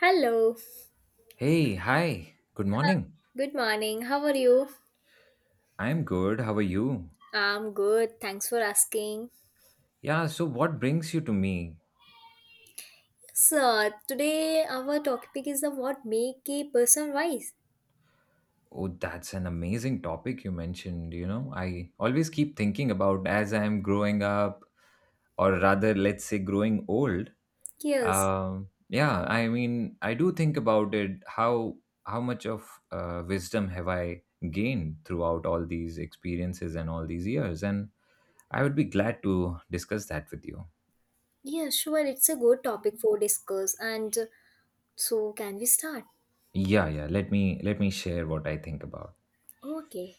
Hello, Hey, hi. Good morning. good morning. How are you? I'm good. How are you? I'm good. Thanks for asking. Yeah, so what brings you to me? So, today our topic is the what make a person wise. Oh, that's an amazing topic you mentioned, you know. I always keep thinking about as I'm growing up or rather let's say growing old. Yes. Yeah, I mean, I do think about it how much of wisdom have I gained throughout all these experiences and all these years and I would be glad to discuss that with you. Yeah, sure. It's a good topic for discuss. And So, can we start? Yeah, yeah, let me share what I think about. Okay.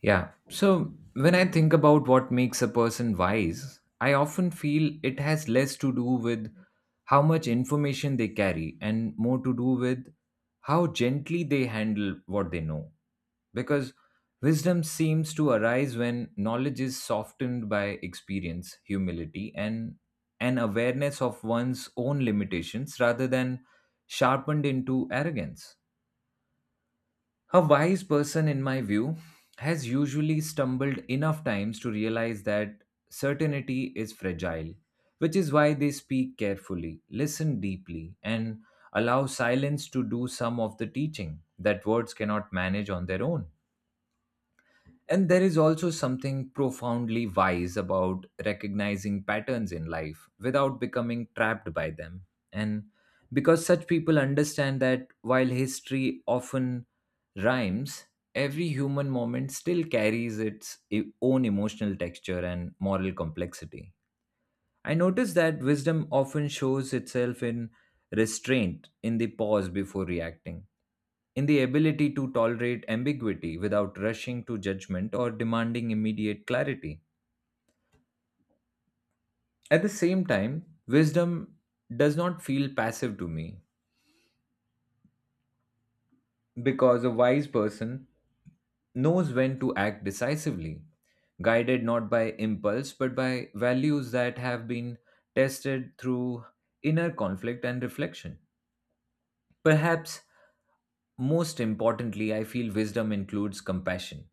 Yeah. So when I think about what makes a person wise, I often feel it has less to do with how much information they carry and more to do with how gently they handle what they know. Because wisdom seems to arise when knowledge is softened by experience, humility, and an awareness of one's own limitations rather than sharpened into arrogance. A wise person, in my view, has usually stumbled enough times to realize that certainty is fragile, which is why they speak carefully, listen deeply, and allow silence to do some of the teaching that words cannot manage on their own. And there is also something profoundly wise about recognizing patterns in life without becoming trapped by them. And because such people understand that while history often rhymes, every human moment still carries own emotional texture and moral complexity. I notice that wisdom often shows itself in restraint, in the pause before reacting, in the ability to tolerate ambiguity without rushing to judgment or demanding immediate clarity. At the same time, wisdom does not feel passive to me because a wise person knows when to act decisively, guided not by impulse but by values that have been tested through inner conflict and reflection. Perhaps most importantly, I feel wisdom includes compassion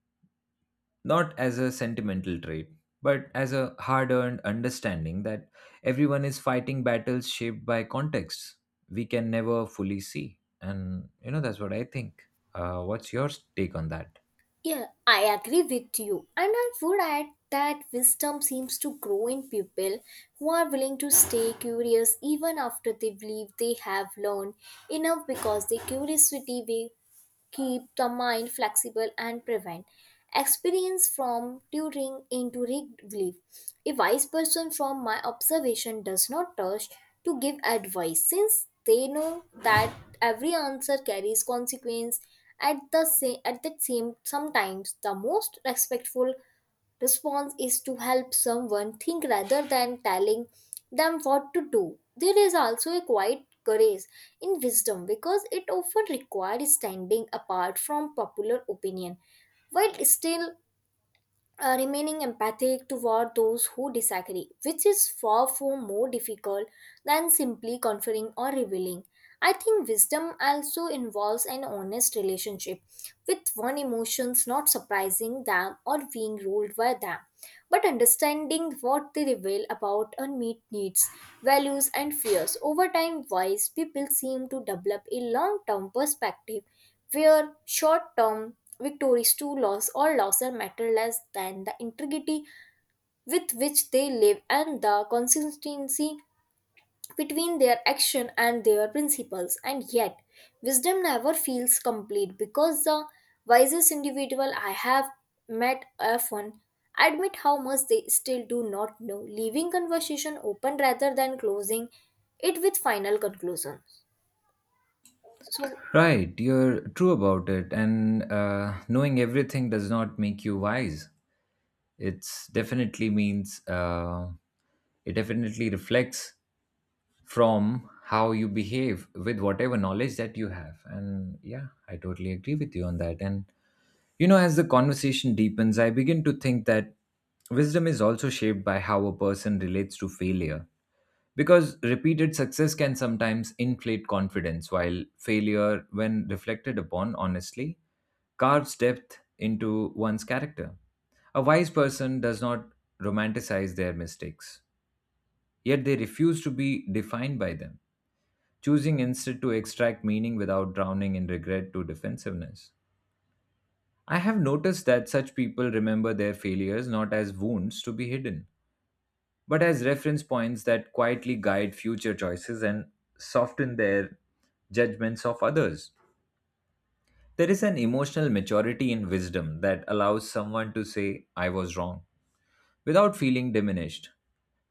not as a sentimental trait, but as a hard earned understanding that everyone is fighting battles shaped by contexts we can never fully see. And, you know, that's what I think. What's your take on that? Yeah, I agree with you. And I would add that wisdom seems to grow in people who are willing to stay curious even after they believe they have learned enough because their curiosity will keep the mind flexible and prevent experience from tutoring into disbelief. A wise person, from my observation, does not rush to give advice since they know that every answer carries consequence at the same sometimes the most respectful response is to help someone think rather than telling them what to do. There is also a quiet courage in wisdom because it often requires standing apart from popular opinion while still remaining empathic toward those who disagree, which is far more difficult than simply conferring or revealing. I think wisdom also involves an honest relationship with one's emotions, not surprising them or being ruled by them but understanding what they reveal about unmet needs, values, and fears. Over time, wise people seem to develop a long term perspective where short term victories to loss or losses matter less than the integrity with which they live and the consistency between their action and their principles, and yet wisdom never feels complete because the wisest individual I have met often admit how much they still do not know, leaving conversation open rather than closing it with final conclusions. So Right, you're true about it, and knowing everything does not make you wise. It's definitely means uh, it definitely reflects from how you behave with whatever knowledge that you have. And yeah, I totally agree with you on that. And you know, as the conversation deepens, I begin to think that wisdom is also shaped by how a person relates to failure. Because repeated success can sometimes inflate confidence, while failure, when reflected upon honestly, carves depth into one's character. A wise person does not romanticize their mistakes, yet they refuse to be defined by them, choosing instead to extract meaning without drowning in regret to defensiveness. I have noticed that such people remember their failures not as wounds to be hidden, but as reference points that quietly guide future choices and soften their judgments of others. There is an emotional maturity in wisdom that allows someone to say, I was wrong, without feeling diminished,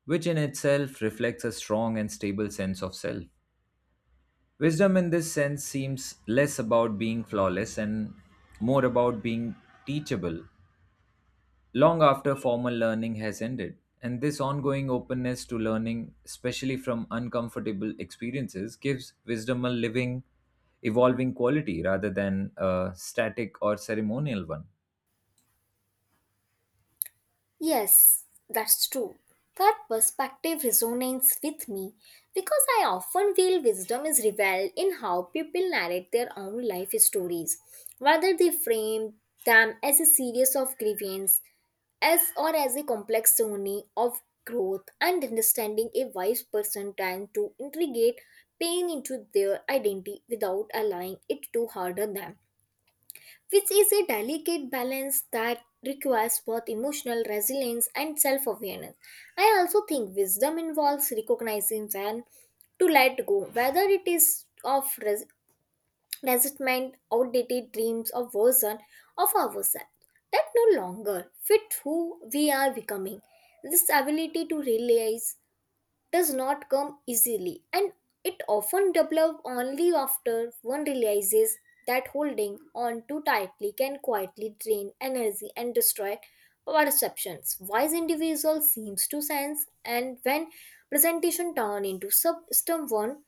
which in itself reflects a strong and stable sense of self. Wisdom in this sense seems less about being flawless and more about being teachable long after formal learning has ended. And this ongoing openness to learning, especially from uncomfortable experiences, gives wisdom a living, evolving quality rather than a static or ceremonial one. yes, that's true. That perspective resonates with me because I often feel wisdom is revealed in how people narrate their own life stories, whether they frame them as a series of grievances as or as a complex journey of growth and understanding. A wise person tends to integrate pain into their identity without allowing it to harden them, which is a delicate balance that requires both emotional resilience and self awareness. I also think wisdom involves recognizing when to let go, whether it is of resentment, outdated dreams, or version of ourselves that no longer fit who we are becoming. This ability to realize does not come easily and it often develops only after one realizes that holding on too tightly can quietly drain energy and destroy perceptions. Wise individual seems to sense and when presentation turn into system one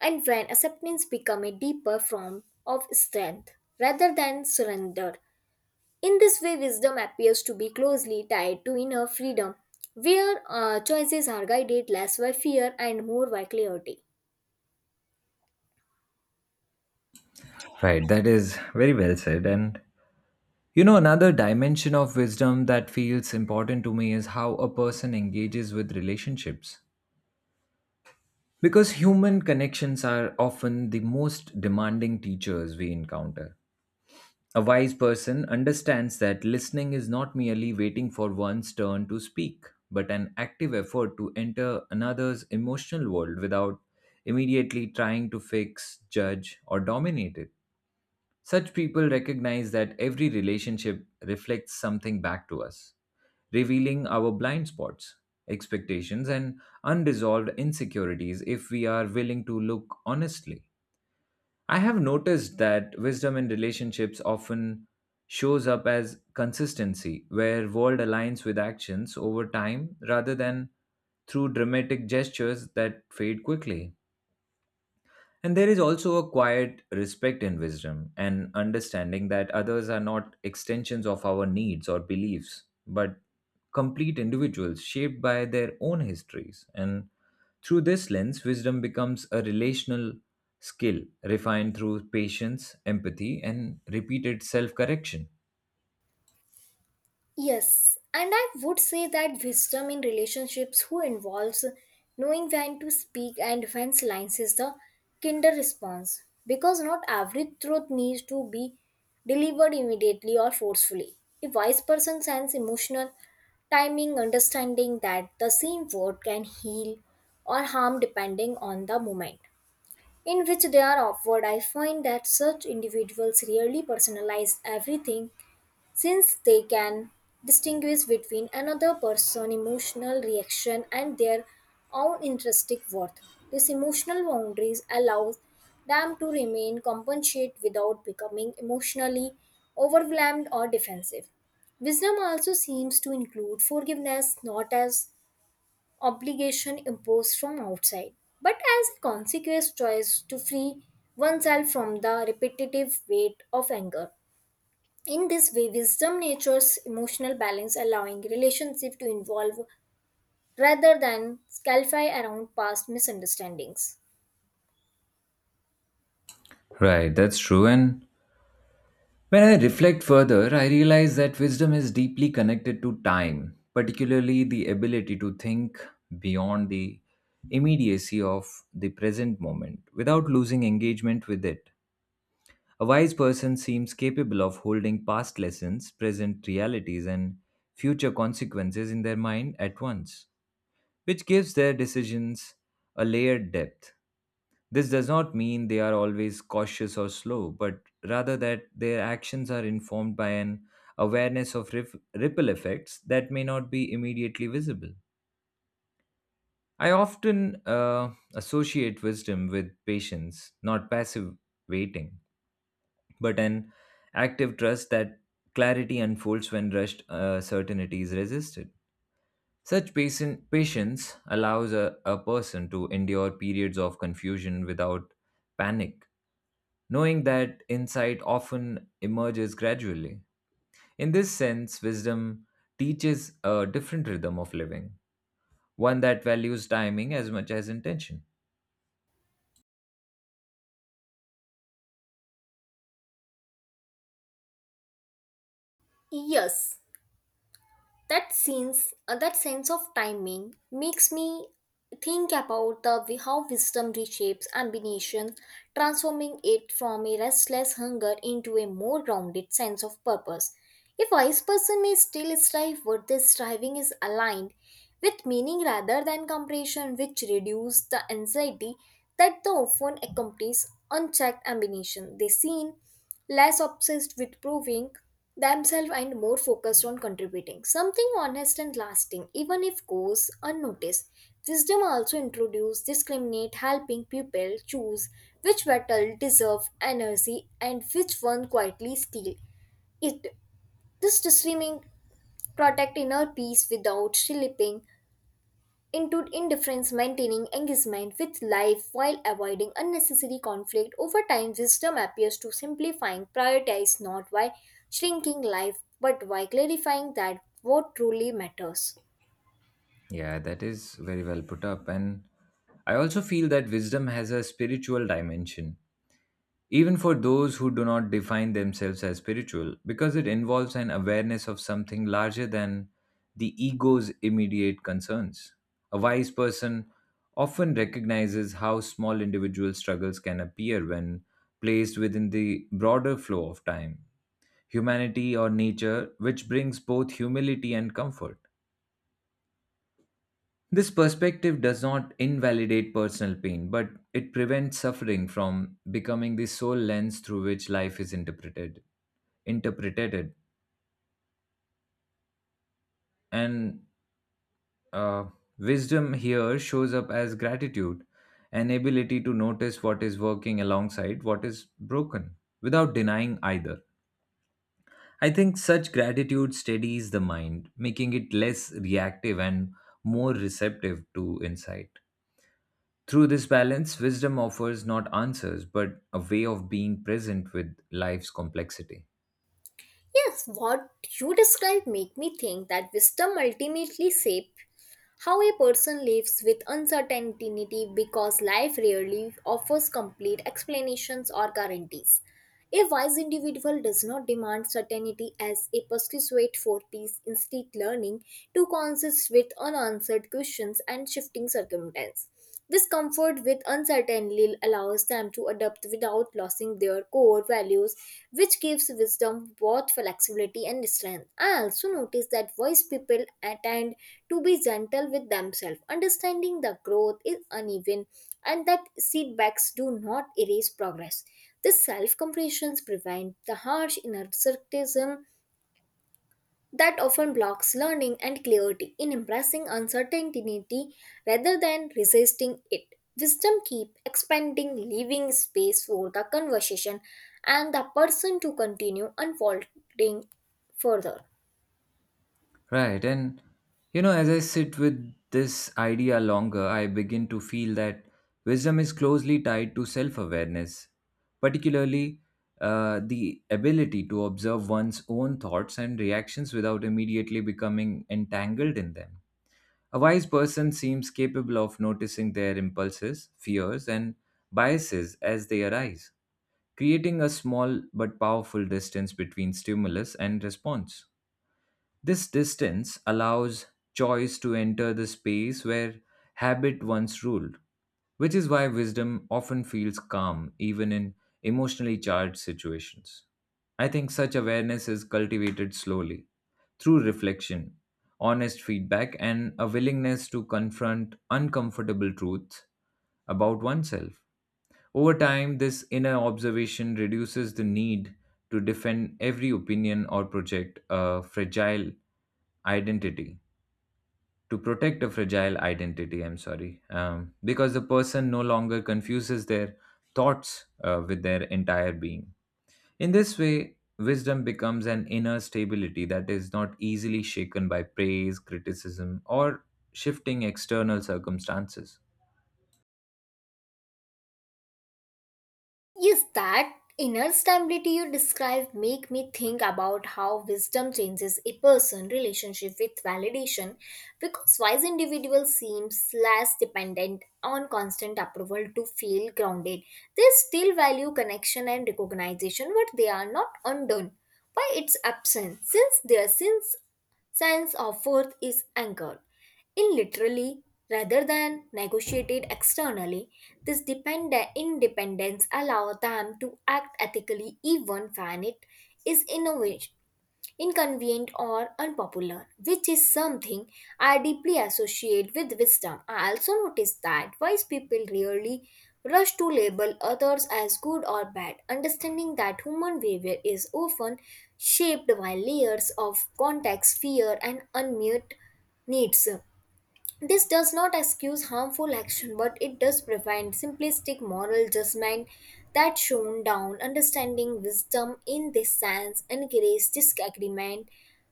and when acceptance become a deeper form of strength rather than surrender. In this way, wisdom appears to be closely tied to inner freedom, where choices are guided less by fear and more by clarity. Right, that is very well said. And you know, another dimension of wisdom that feels important to me is how a person engages with relationships. Because human connections are often the most demanding teachers we encounter. A wise person understands that listening is not merely waiting for one's turn to speak, but an active effort to enter another's emotional world without immediately trying to fix, judge, or dominate it. Such people recognize that every relationship reflects something back to us, revealing our blind spots, expectations, and unresolved insecurities if we are willing to look honestly. I have noticed that wisdom in relationships often shows up as consistency, where word aligns with actions over time rather than through dramatic gestures that fade quickly. And there is also a quiet respect and wisdom, and understanding that others are not extensions of our needs or beliefs, but complete individuals shaped by their own histories. And through this lens, wisdom becomes a relational skill refined through patience, empathy, and repeated self correction. Yes, and I would say that wisdom in relationships who involves knowing when to speak and when silence is the kinder response because not every truth needs to be delivered immediately or forcefully. A wise person sends emotional timing, understanding that the same word can heal or harm depending on the moment in which they are offered. I find that such individuals rarely personalize everything since they can distinguish between another person's emotional reaction and their own intrinsic worth. These emotional boundaries allow them to remain compensate without becoming emotionally overwhelmed or defensive. Wisdom also seems to include forgiveness, not as obligation imposed from outside, but as a consequence choice to free oneself from the repetitive weight of anger. In this way, wisdom natures emotional balance, allowing relationship to evolve rather than scalify around past misunderstandings. Right, that's true. And when I reflect further, I realize that wisdom is deeply connected to time, particularly the ability to think beyond the immediacy of the present moment without losing engagement with it. A wise person seems capable of holding past lessons, present realities, and future consequences in their mind at once, which gives their decisions a layered depth. This does not mean they are always cautious or slow, but rather that their actions are informed by an awareness of ripple effects that may not be immediately visible. I often associate wisdom with patience, not passive waiting, but an active trust that clarity unfolds when rushed certainty is resisted. Such patience allows a person to endure periods of confusion without panic, knowing that insight often emerges gradually. In this sense, wisdom teaches a different rhythm of living, one that values timing as much as intention. Yes. That sense of timing makes me think about the way how wisdom reshapes ambition, transforming it from a restless hunger into a more grounded sense of purpose. A wise person may still strive, but this striving is aligned with meaning rather than comparison, which reduces the anxiety that the often accompanies unchecked ambition. They seen less obsessed with proving themselves and more focused on contributing something honest and lasting even if goes unnoticed. Wisdom also introduces discriminate, helping people choose which battle deserve energy and which one quietly steal it. This discerning protect inner peace without slipping into indifference, maintaining engagement with life while avoiding unnecessary conflict. Over time, wisdom appears to simplifying, prioritize not by shrinking life, but by clarifying that what truly matters. Yeah, that is very well put up. And I also feel that wisdom has a spiritual dimension even for those who do not define themselves as spiritual, because it involves an awareness of something larger than the ego's immediate concerns. A wise person often recognizes how small individual struggles can appear when placed within the broader flow of time, humanity, or nature, which brings both humility and comfort. This perspective does not invalidate personal pain, but it prevents suffering from becoming the sole lens through which life is interpreted. Interpreted, and uh, Wisdom here shows up as gratitude, an ability to notice what is working alongside what is broken, without denying either. I think such gratitude steadies the mind, making it less reactive and more receptive to insight. Through this balance, wisdom offers not answers, but a way of being present with life's complexity. Yes, what you described make me think that wisdom ultimately shape how a person lives with uncertainty because life rarely offers complete explanations or guarantees. A wise individual does not demand certainty as a pursuit for peace, instead learning to consist with unanswered questions and shifting circumstances. This comfort with uncertainty allows them to adapt without losing their core values, which gives wisdom both flexibility and strength. I also notice that wise people attend to be gentle with themselves, understanding that growth is uneven and that setbacks do not erase progress. This self-compassion prevents the harsh inner criticism that often blocks learning and clarity in embracing uncertainty rather than resisting it. Wisdom keep expanding, leaving space for the conversation and the person to continue unfolding further. Right. And, you know, as I sit with this idea longer, I begin to feel that wisdom is closely tied to self awareness, particularly the ability to observe one's own thoughts and reactions without immediately becoming entangled in them. A wise person seems capable of noticing their impulses, fears, and biases as they arise, creating a small but powerful distance between stimulus and response. This distance allows choice to enter the space where habit once ruled, which is why wisdom often feels calm even in emotionally charged situations. I think such awareness is cultivated slowly through reflection, honest feedback, and a willingness to confront uncomfortable truths about oneself. Over time, this inner observation reduces the need to defend every opinion or project a fragile identity. To protect a fragile identity, I'm sorry, because the person no longer confuses their thoughts with their entire being. In this way, wisdom becomes an inner stability that is not easily shaken by praise, criticism, or shifting external circumstances. Yes, that inner stability you described make me think about how wisdom changes a person' relationship with validation because wise individuals seems less dependent on constant approval to feel grounded. They still value connection and recognition, but they are not undone by its absence, since their since sense of worth is anchored in literally rather than negotiated externally. This dependent independence allows them to act ethically even when it is innovation inconvenient or unpopular, which is something I deeply associate with wisdom. I also notice that wise people rarely rush to label others as good or bad, understanding that human behavior is often shaped by layers of context, fear, and unmet needs. This does not excuse harmful action, but it does prevent simplistic moral judgment that shone down. Understanding wisdom in this sense encourages disagreement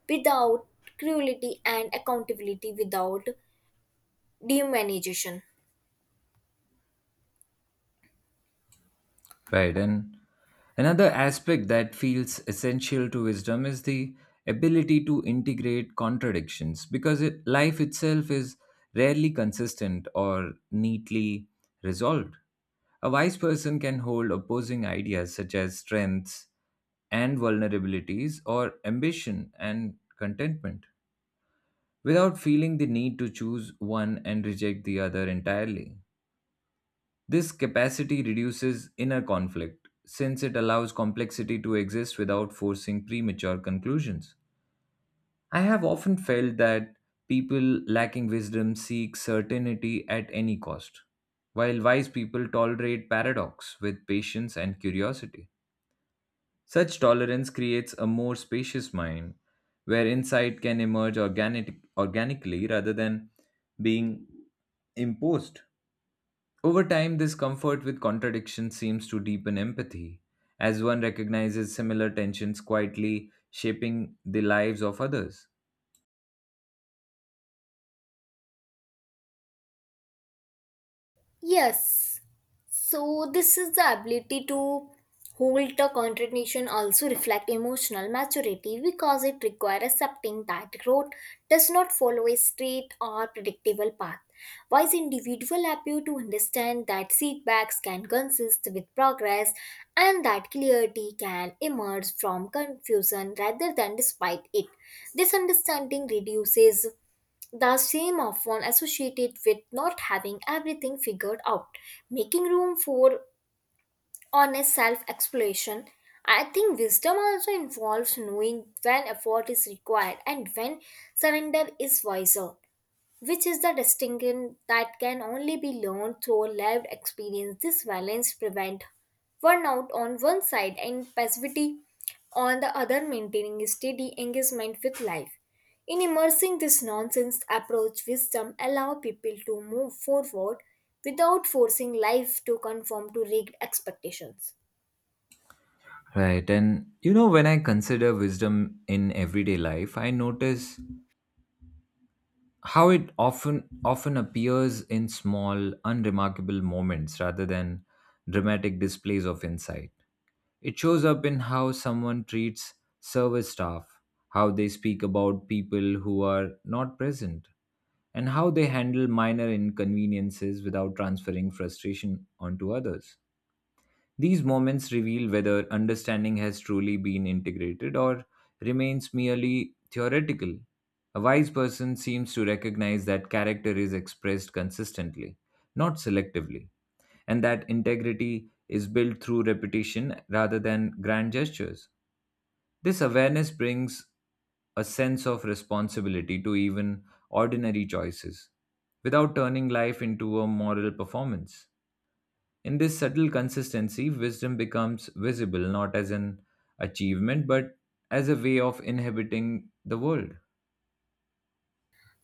without cruelty and accountability without demonization. Right. And another aspect that feels essential to wisdom is the ability to integrate contradictions because life itself is rarely consistent or neatly resolved. A wise person can hold opposing ideas such as strengths and vulnerabilities or ambition and contentment without feeling the need to choose one and reject the other entirely. This capacity reduces inner conflict, since it allows complexity to exist without forcing premature conclusions. I have often felt that people lacking wisdom seek certainty at any cost, while wise people tolerate paradox with patience and curiosity. Such tolerance creates a more spacious mind where insight can emerge organically rather than being imposed. Over time, this comfort with contradiction seems to deepen empathy, as one recognizes similar tensions quietly shaping the lives of others. Yes. So this is the ability to hold the contradiction also reflect emotional maturity because it requires accepting that growth does not follow a straight or predictable path. Wise individuals appear to understand that setbacks can consist with progress and that clarity can emerge from confusion rather than despite it. This understanding reduces the same often associated with not having everything figured out, making room for honest self exploration. I think wisdom also involves knowing when effort is required and when surrender is wiser, which is the distinction that can only be learned through lived experience. This balance prevents burnout on one side and passivity on the other, maintaining a steady engagement with life. In immersing this nonsense approach, wisdom allow people to move forward without forcing life to conform to rigged expectations. Right, and you know, when I consider wisdom in everyday life, I notice how it often appears in small, unremarkable moments rather than dramatic displays of insight. It shows up in how someone treats service staff, how they speak about people who are not present, and how they handle minor inconveniences without transferring frustration onto others. These moments reveal whether understanding has truly been integrated or remains merely theoretical. A wise person seems to recognize that character is expressed consistently, not selectively, and that integrity is built through repetition rather than grand gestures. This awareness brings a sense of responsibility to even ordinary choices without turning life into a moral performance. In this subtle consistency, wisdom becomes visible not as an achievement but as a way of inhabiting the world.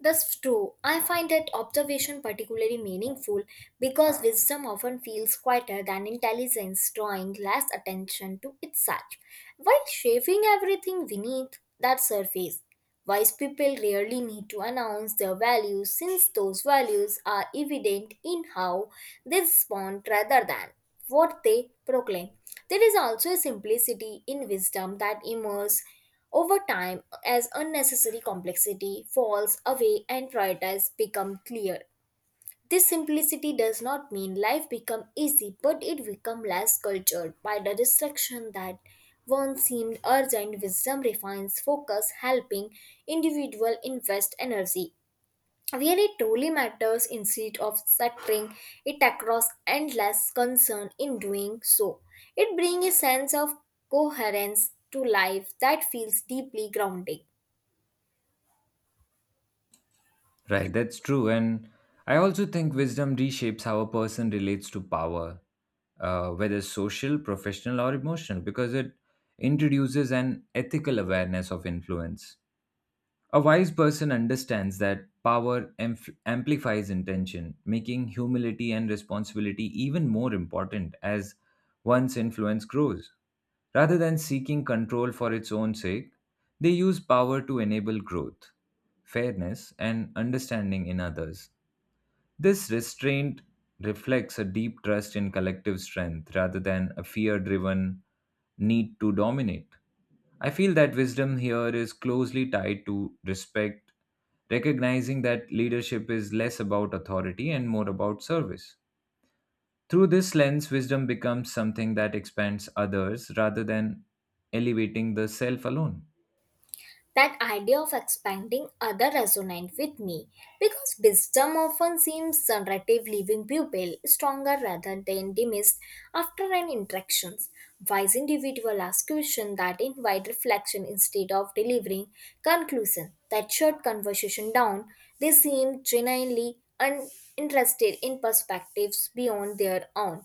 That's true. I find that observation particularly meaningful because wisdom often feels quieter than intelligence, drawing less attention to itself, while shaving everything beneath that surface. Wise people rarely need to announce their values since those values are evident in how they respond rather than what they proclaim. There is also a simplicity in wisdom that emerges over time as unnecessary complexity falls away and priorities become clear. This simplicity does not mean life become easy, but it become less cultured by the distraction that once seemed urgent. Wisdom refines focus, helping individual invest energy where truly matters instead of scattering it across endless concern in doing so. It brings a sense of coherence to life that feels deeply grounding. Right, that's true. And I also think wisdom reshapes how a person relates to power, whether social, professional, or emotional, because it introduces an ethical awareness of influence. A wise person understands that power amplifies intention, making humility and responsibility even more important as one's influence grows. Rather than seeking control for its own sake, they use power to enable growth, fairness, and understanding in others. This restraint reflects a deep trust in collective strength rather than a fear driven need to dominate. I feel that wisdom here is closely tied to respect, recognizing that leadership is less about authority and more about service. Through this lens, wisdom becomes something that expands others rather than elevating the self alone. That idea of expanding other resonant with me because wisdom often seems generative, leaving pupil stronger rather than dismissed after an interactions. Wise individual ask questions that invite reflection instead of delivering conclusion that shut conversation down. They seem genuinely uninterested in perspectives beyond their own,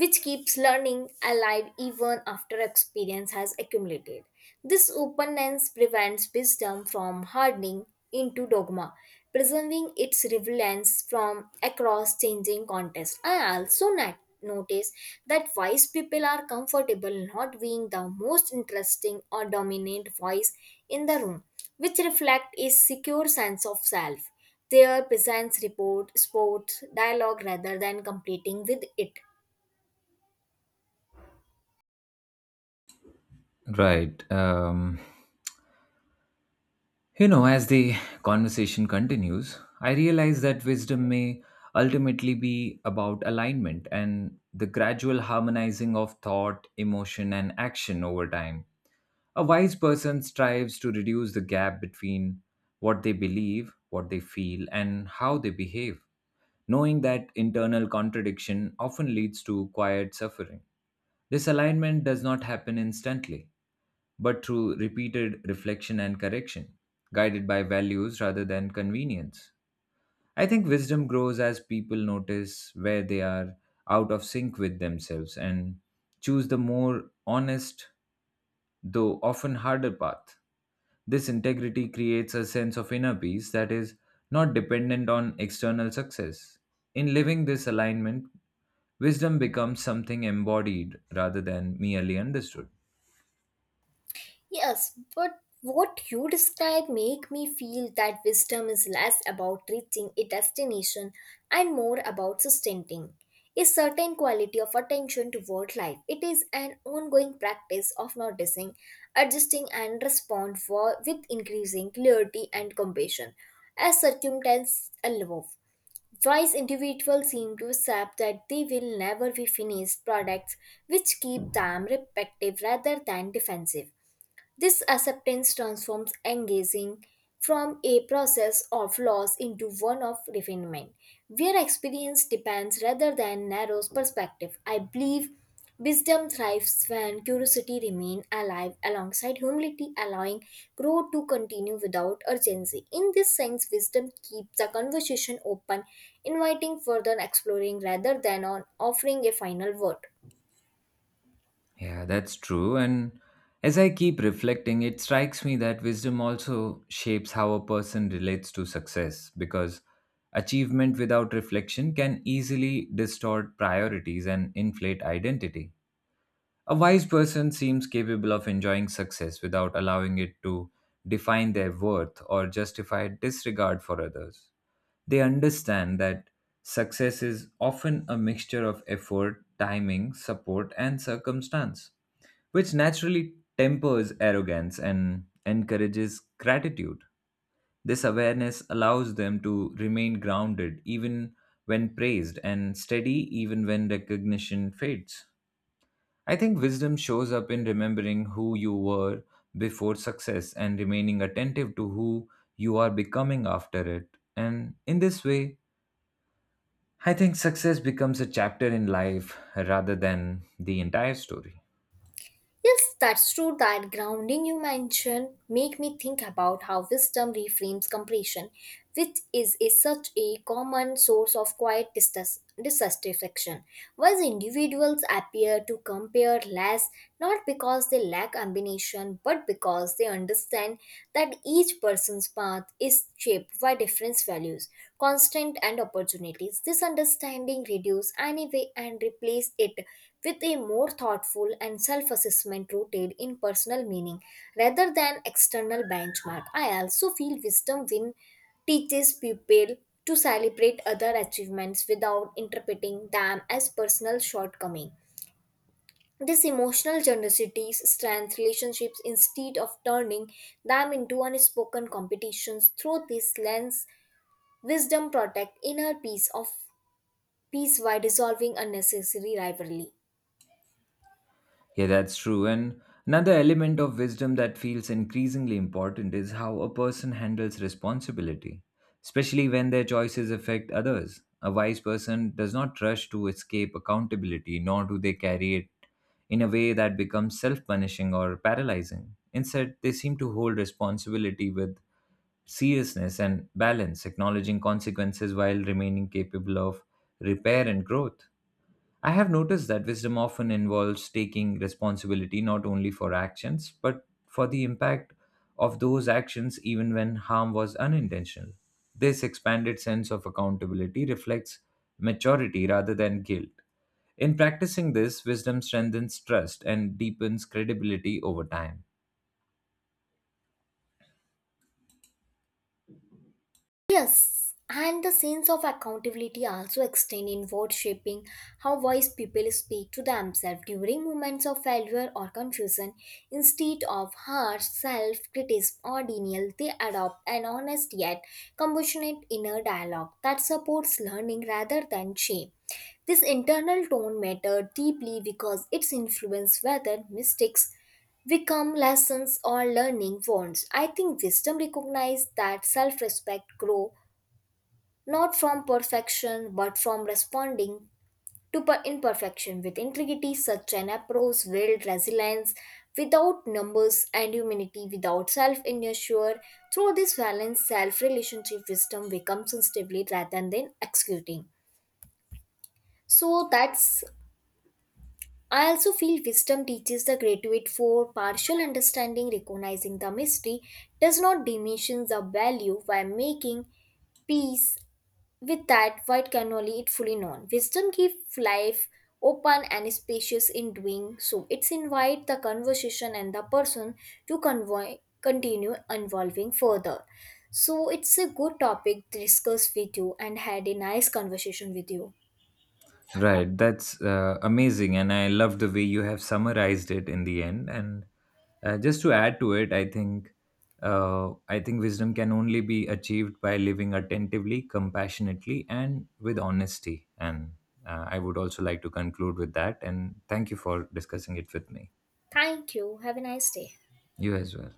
which keeps learning alive even after experience has accumulated. This openness prevents wisdom from hardening into dogma, preserving its relevance from across changing contexts. I also not notice that wise people are comfortable not being the most interesting or dominant voice in the room, which reflect a secure sense of self. Their presence report sports dialogue rather than competing with it. Right. You know, as the conversation continues, I realize that wisdom may ultimately be about alignment and the gradual harmonizing of thought, emotion, and action over time. A wise person strives to reduce the gap between what they believe, what they feel, and how they behave, knowing that internal contradiction often leads to quiet suffering. This alignment does not happen instantly but through repeated reflection and correction, guided by values rather than convenience. I think wisdom grows as people notice where they are out of sync with themselves and choose the more honest, though often harder path. This integrity creates a sense of inner peace that is not dependent on external success. In living this alignment, wisdom becomes something embodied rather than merely understood. Yes, but what you describe make me feel that wisdom is less about reaching a destination and more about sustaining a certain quality of attention toward life. It is an ongoing practice of noticing, adjusting, and respond for with increasing clarity and compassion as circumstances evolve. Wise individuals seem to accept that they will never be finished products, which keep them reflective rather than defensive. This acceptance transforms engaging from a process of loss into one of refinement, where experience depends rather than narrows perspective. I believe wisdom thrives when curiosity remains alive alongside humility, allowing growth to continue without urgency. In this sense, wisdom keeps the conversation open, inviting further exploring rather than on offering a final word. Yeah, that's true. And as I keep reflecting, it strikes me that wisdom also shapes how a person relates to success because achievement without reflection can easily distort priorities and inflate identity. A wise person seems capable of enjoying success without allowing it to define their worth or justify disregard for others. They understand that success is often a mixture of effort, timing, support, and circumstance, which naturally tempers arrogance and encourages gratitude. This awareness allows them to remain grounded even when praised and steady even when recognition fades. I think wisdom shows up in remembering who you were before success and remaining attentive to who you are becoming after it. And in this way, I think success becomes a chapter in life rather than the entire story. Yes, that's true. That grounding you mentioned make me think about how wisdom reframes comparison, which is a, such a common source of quiet dissatisfaction. While individuals appear to compare less, not because they lack ambition, but because they understand that each person's path is shaped by different values, constant and opportunities. This understanding reduces anyway and replace it with a more thoughtful and self assessment rooted in personal meaning rather than external benchmark. I also feel Wisdom Win teaches people to celebrate other achievements without interpreting them as personal shortcoming. This emotional generosity strengthens relationships instead of turning them into unspoken competitions. Through this lens, wisdom protects inner peace while dissolving unnecessary rivalry. Yeah, that's true. And another element of wisdom that feels increasingly important is how a person handles responsibility, especially when their choices affect others. A wise person does not rush to escape accountability, nor do they carry it in a way that becomes self punishing or paralyzing. Instead, they seem to hold responsibility with seriousness and balance, acknowledging consequences while remaining capable of repair and growth. I have noticed that wisdom often involves taking responsibility not only for actions, but for the impact of those actions even when harm was unintentional. This expanded sense of accountability reflects maturity rather than guilt. In practicing this, wisdom strengthens trust and deepens credibility over time. Yes, and the sense of accountability also extend inward, shaping how wise people speak to themselves during moments of failure or confusion. Instead of harsh self-criticism or denial, they adopt an honest yet compassionate inner dialogue that supports learning rather than shame. This internal tone matters deeply because it's influence whether mistakes become lessons or learning wounds. I think wisdom recognizes that self-respect grows not from perfection but from responding to imperfection with integrity. Such an approach builds resilience without numbers and humanity without self inertia. Through this balanced self relationship, wisdom becomes instinctively rather than executing, so that's I also feel wisdom teaches the graduate for partial understanding, recognizing the mystery, does not diminish the value by making peace with that, what can only it fully known. Wisdom gives life open and spacious in doing so. It's invite the conversation and the person to continue evolving further. So it's a good topic to discuss with you and had a nice conversation with you. Right, that's amazing, and I love the way you have summarized it in the end. And just to add to it, I think wisdom can only be achieved by living attentively, compassionately, and with honesty. And I would also like to conclude with that. And thank you for discussing it with me. Thank you. Have a nice day. You as well.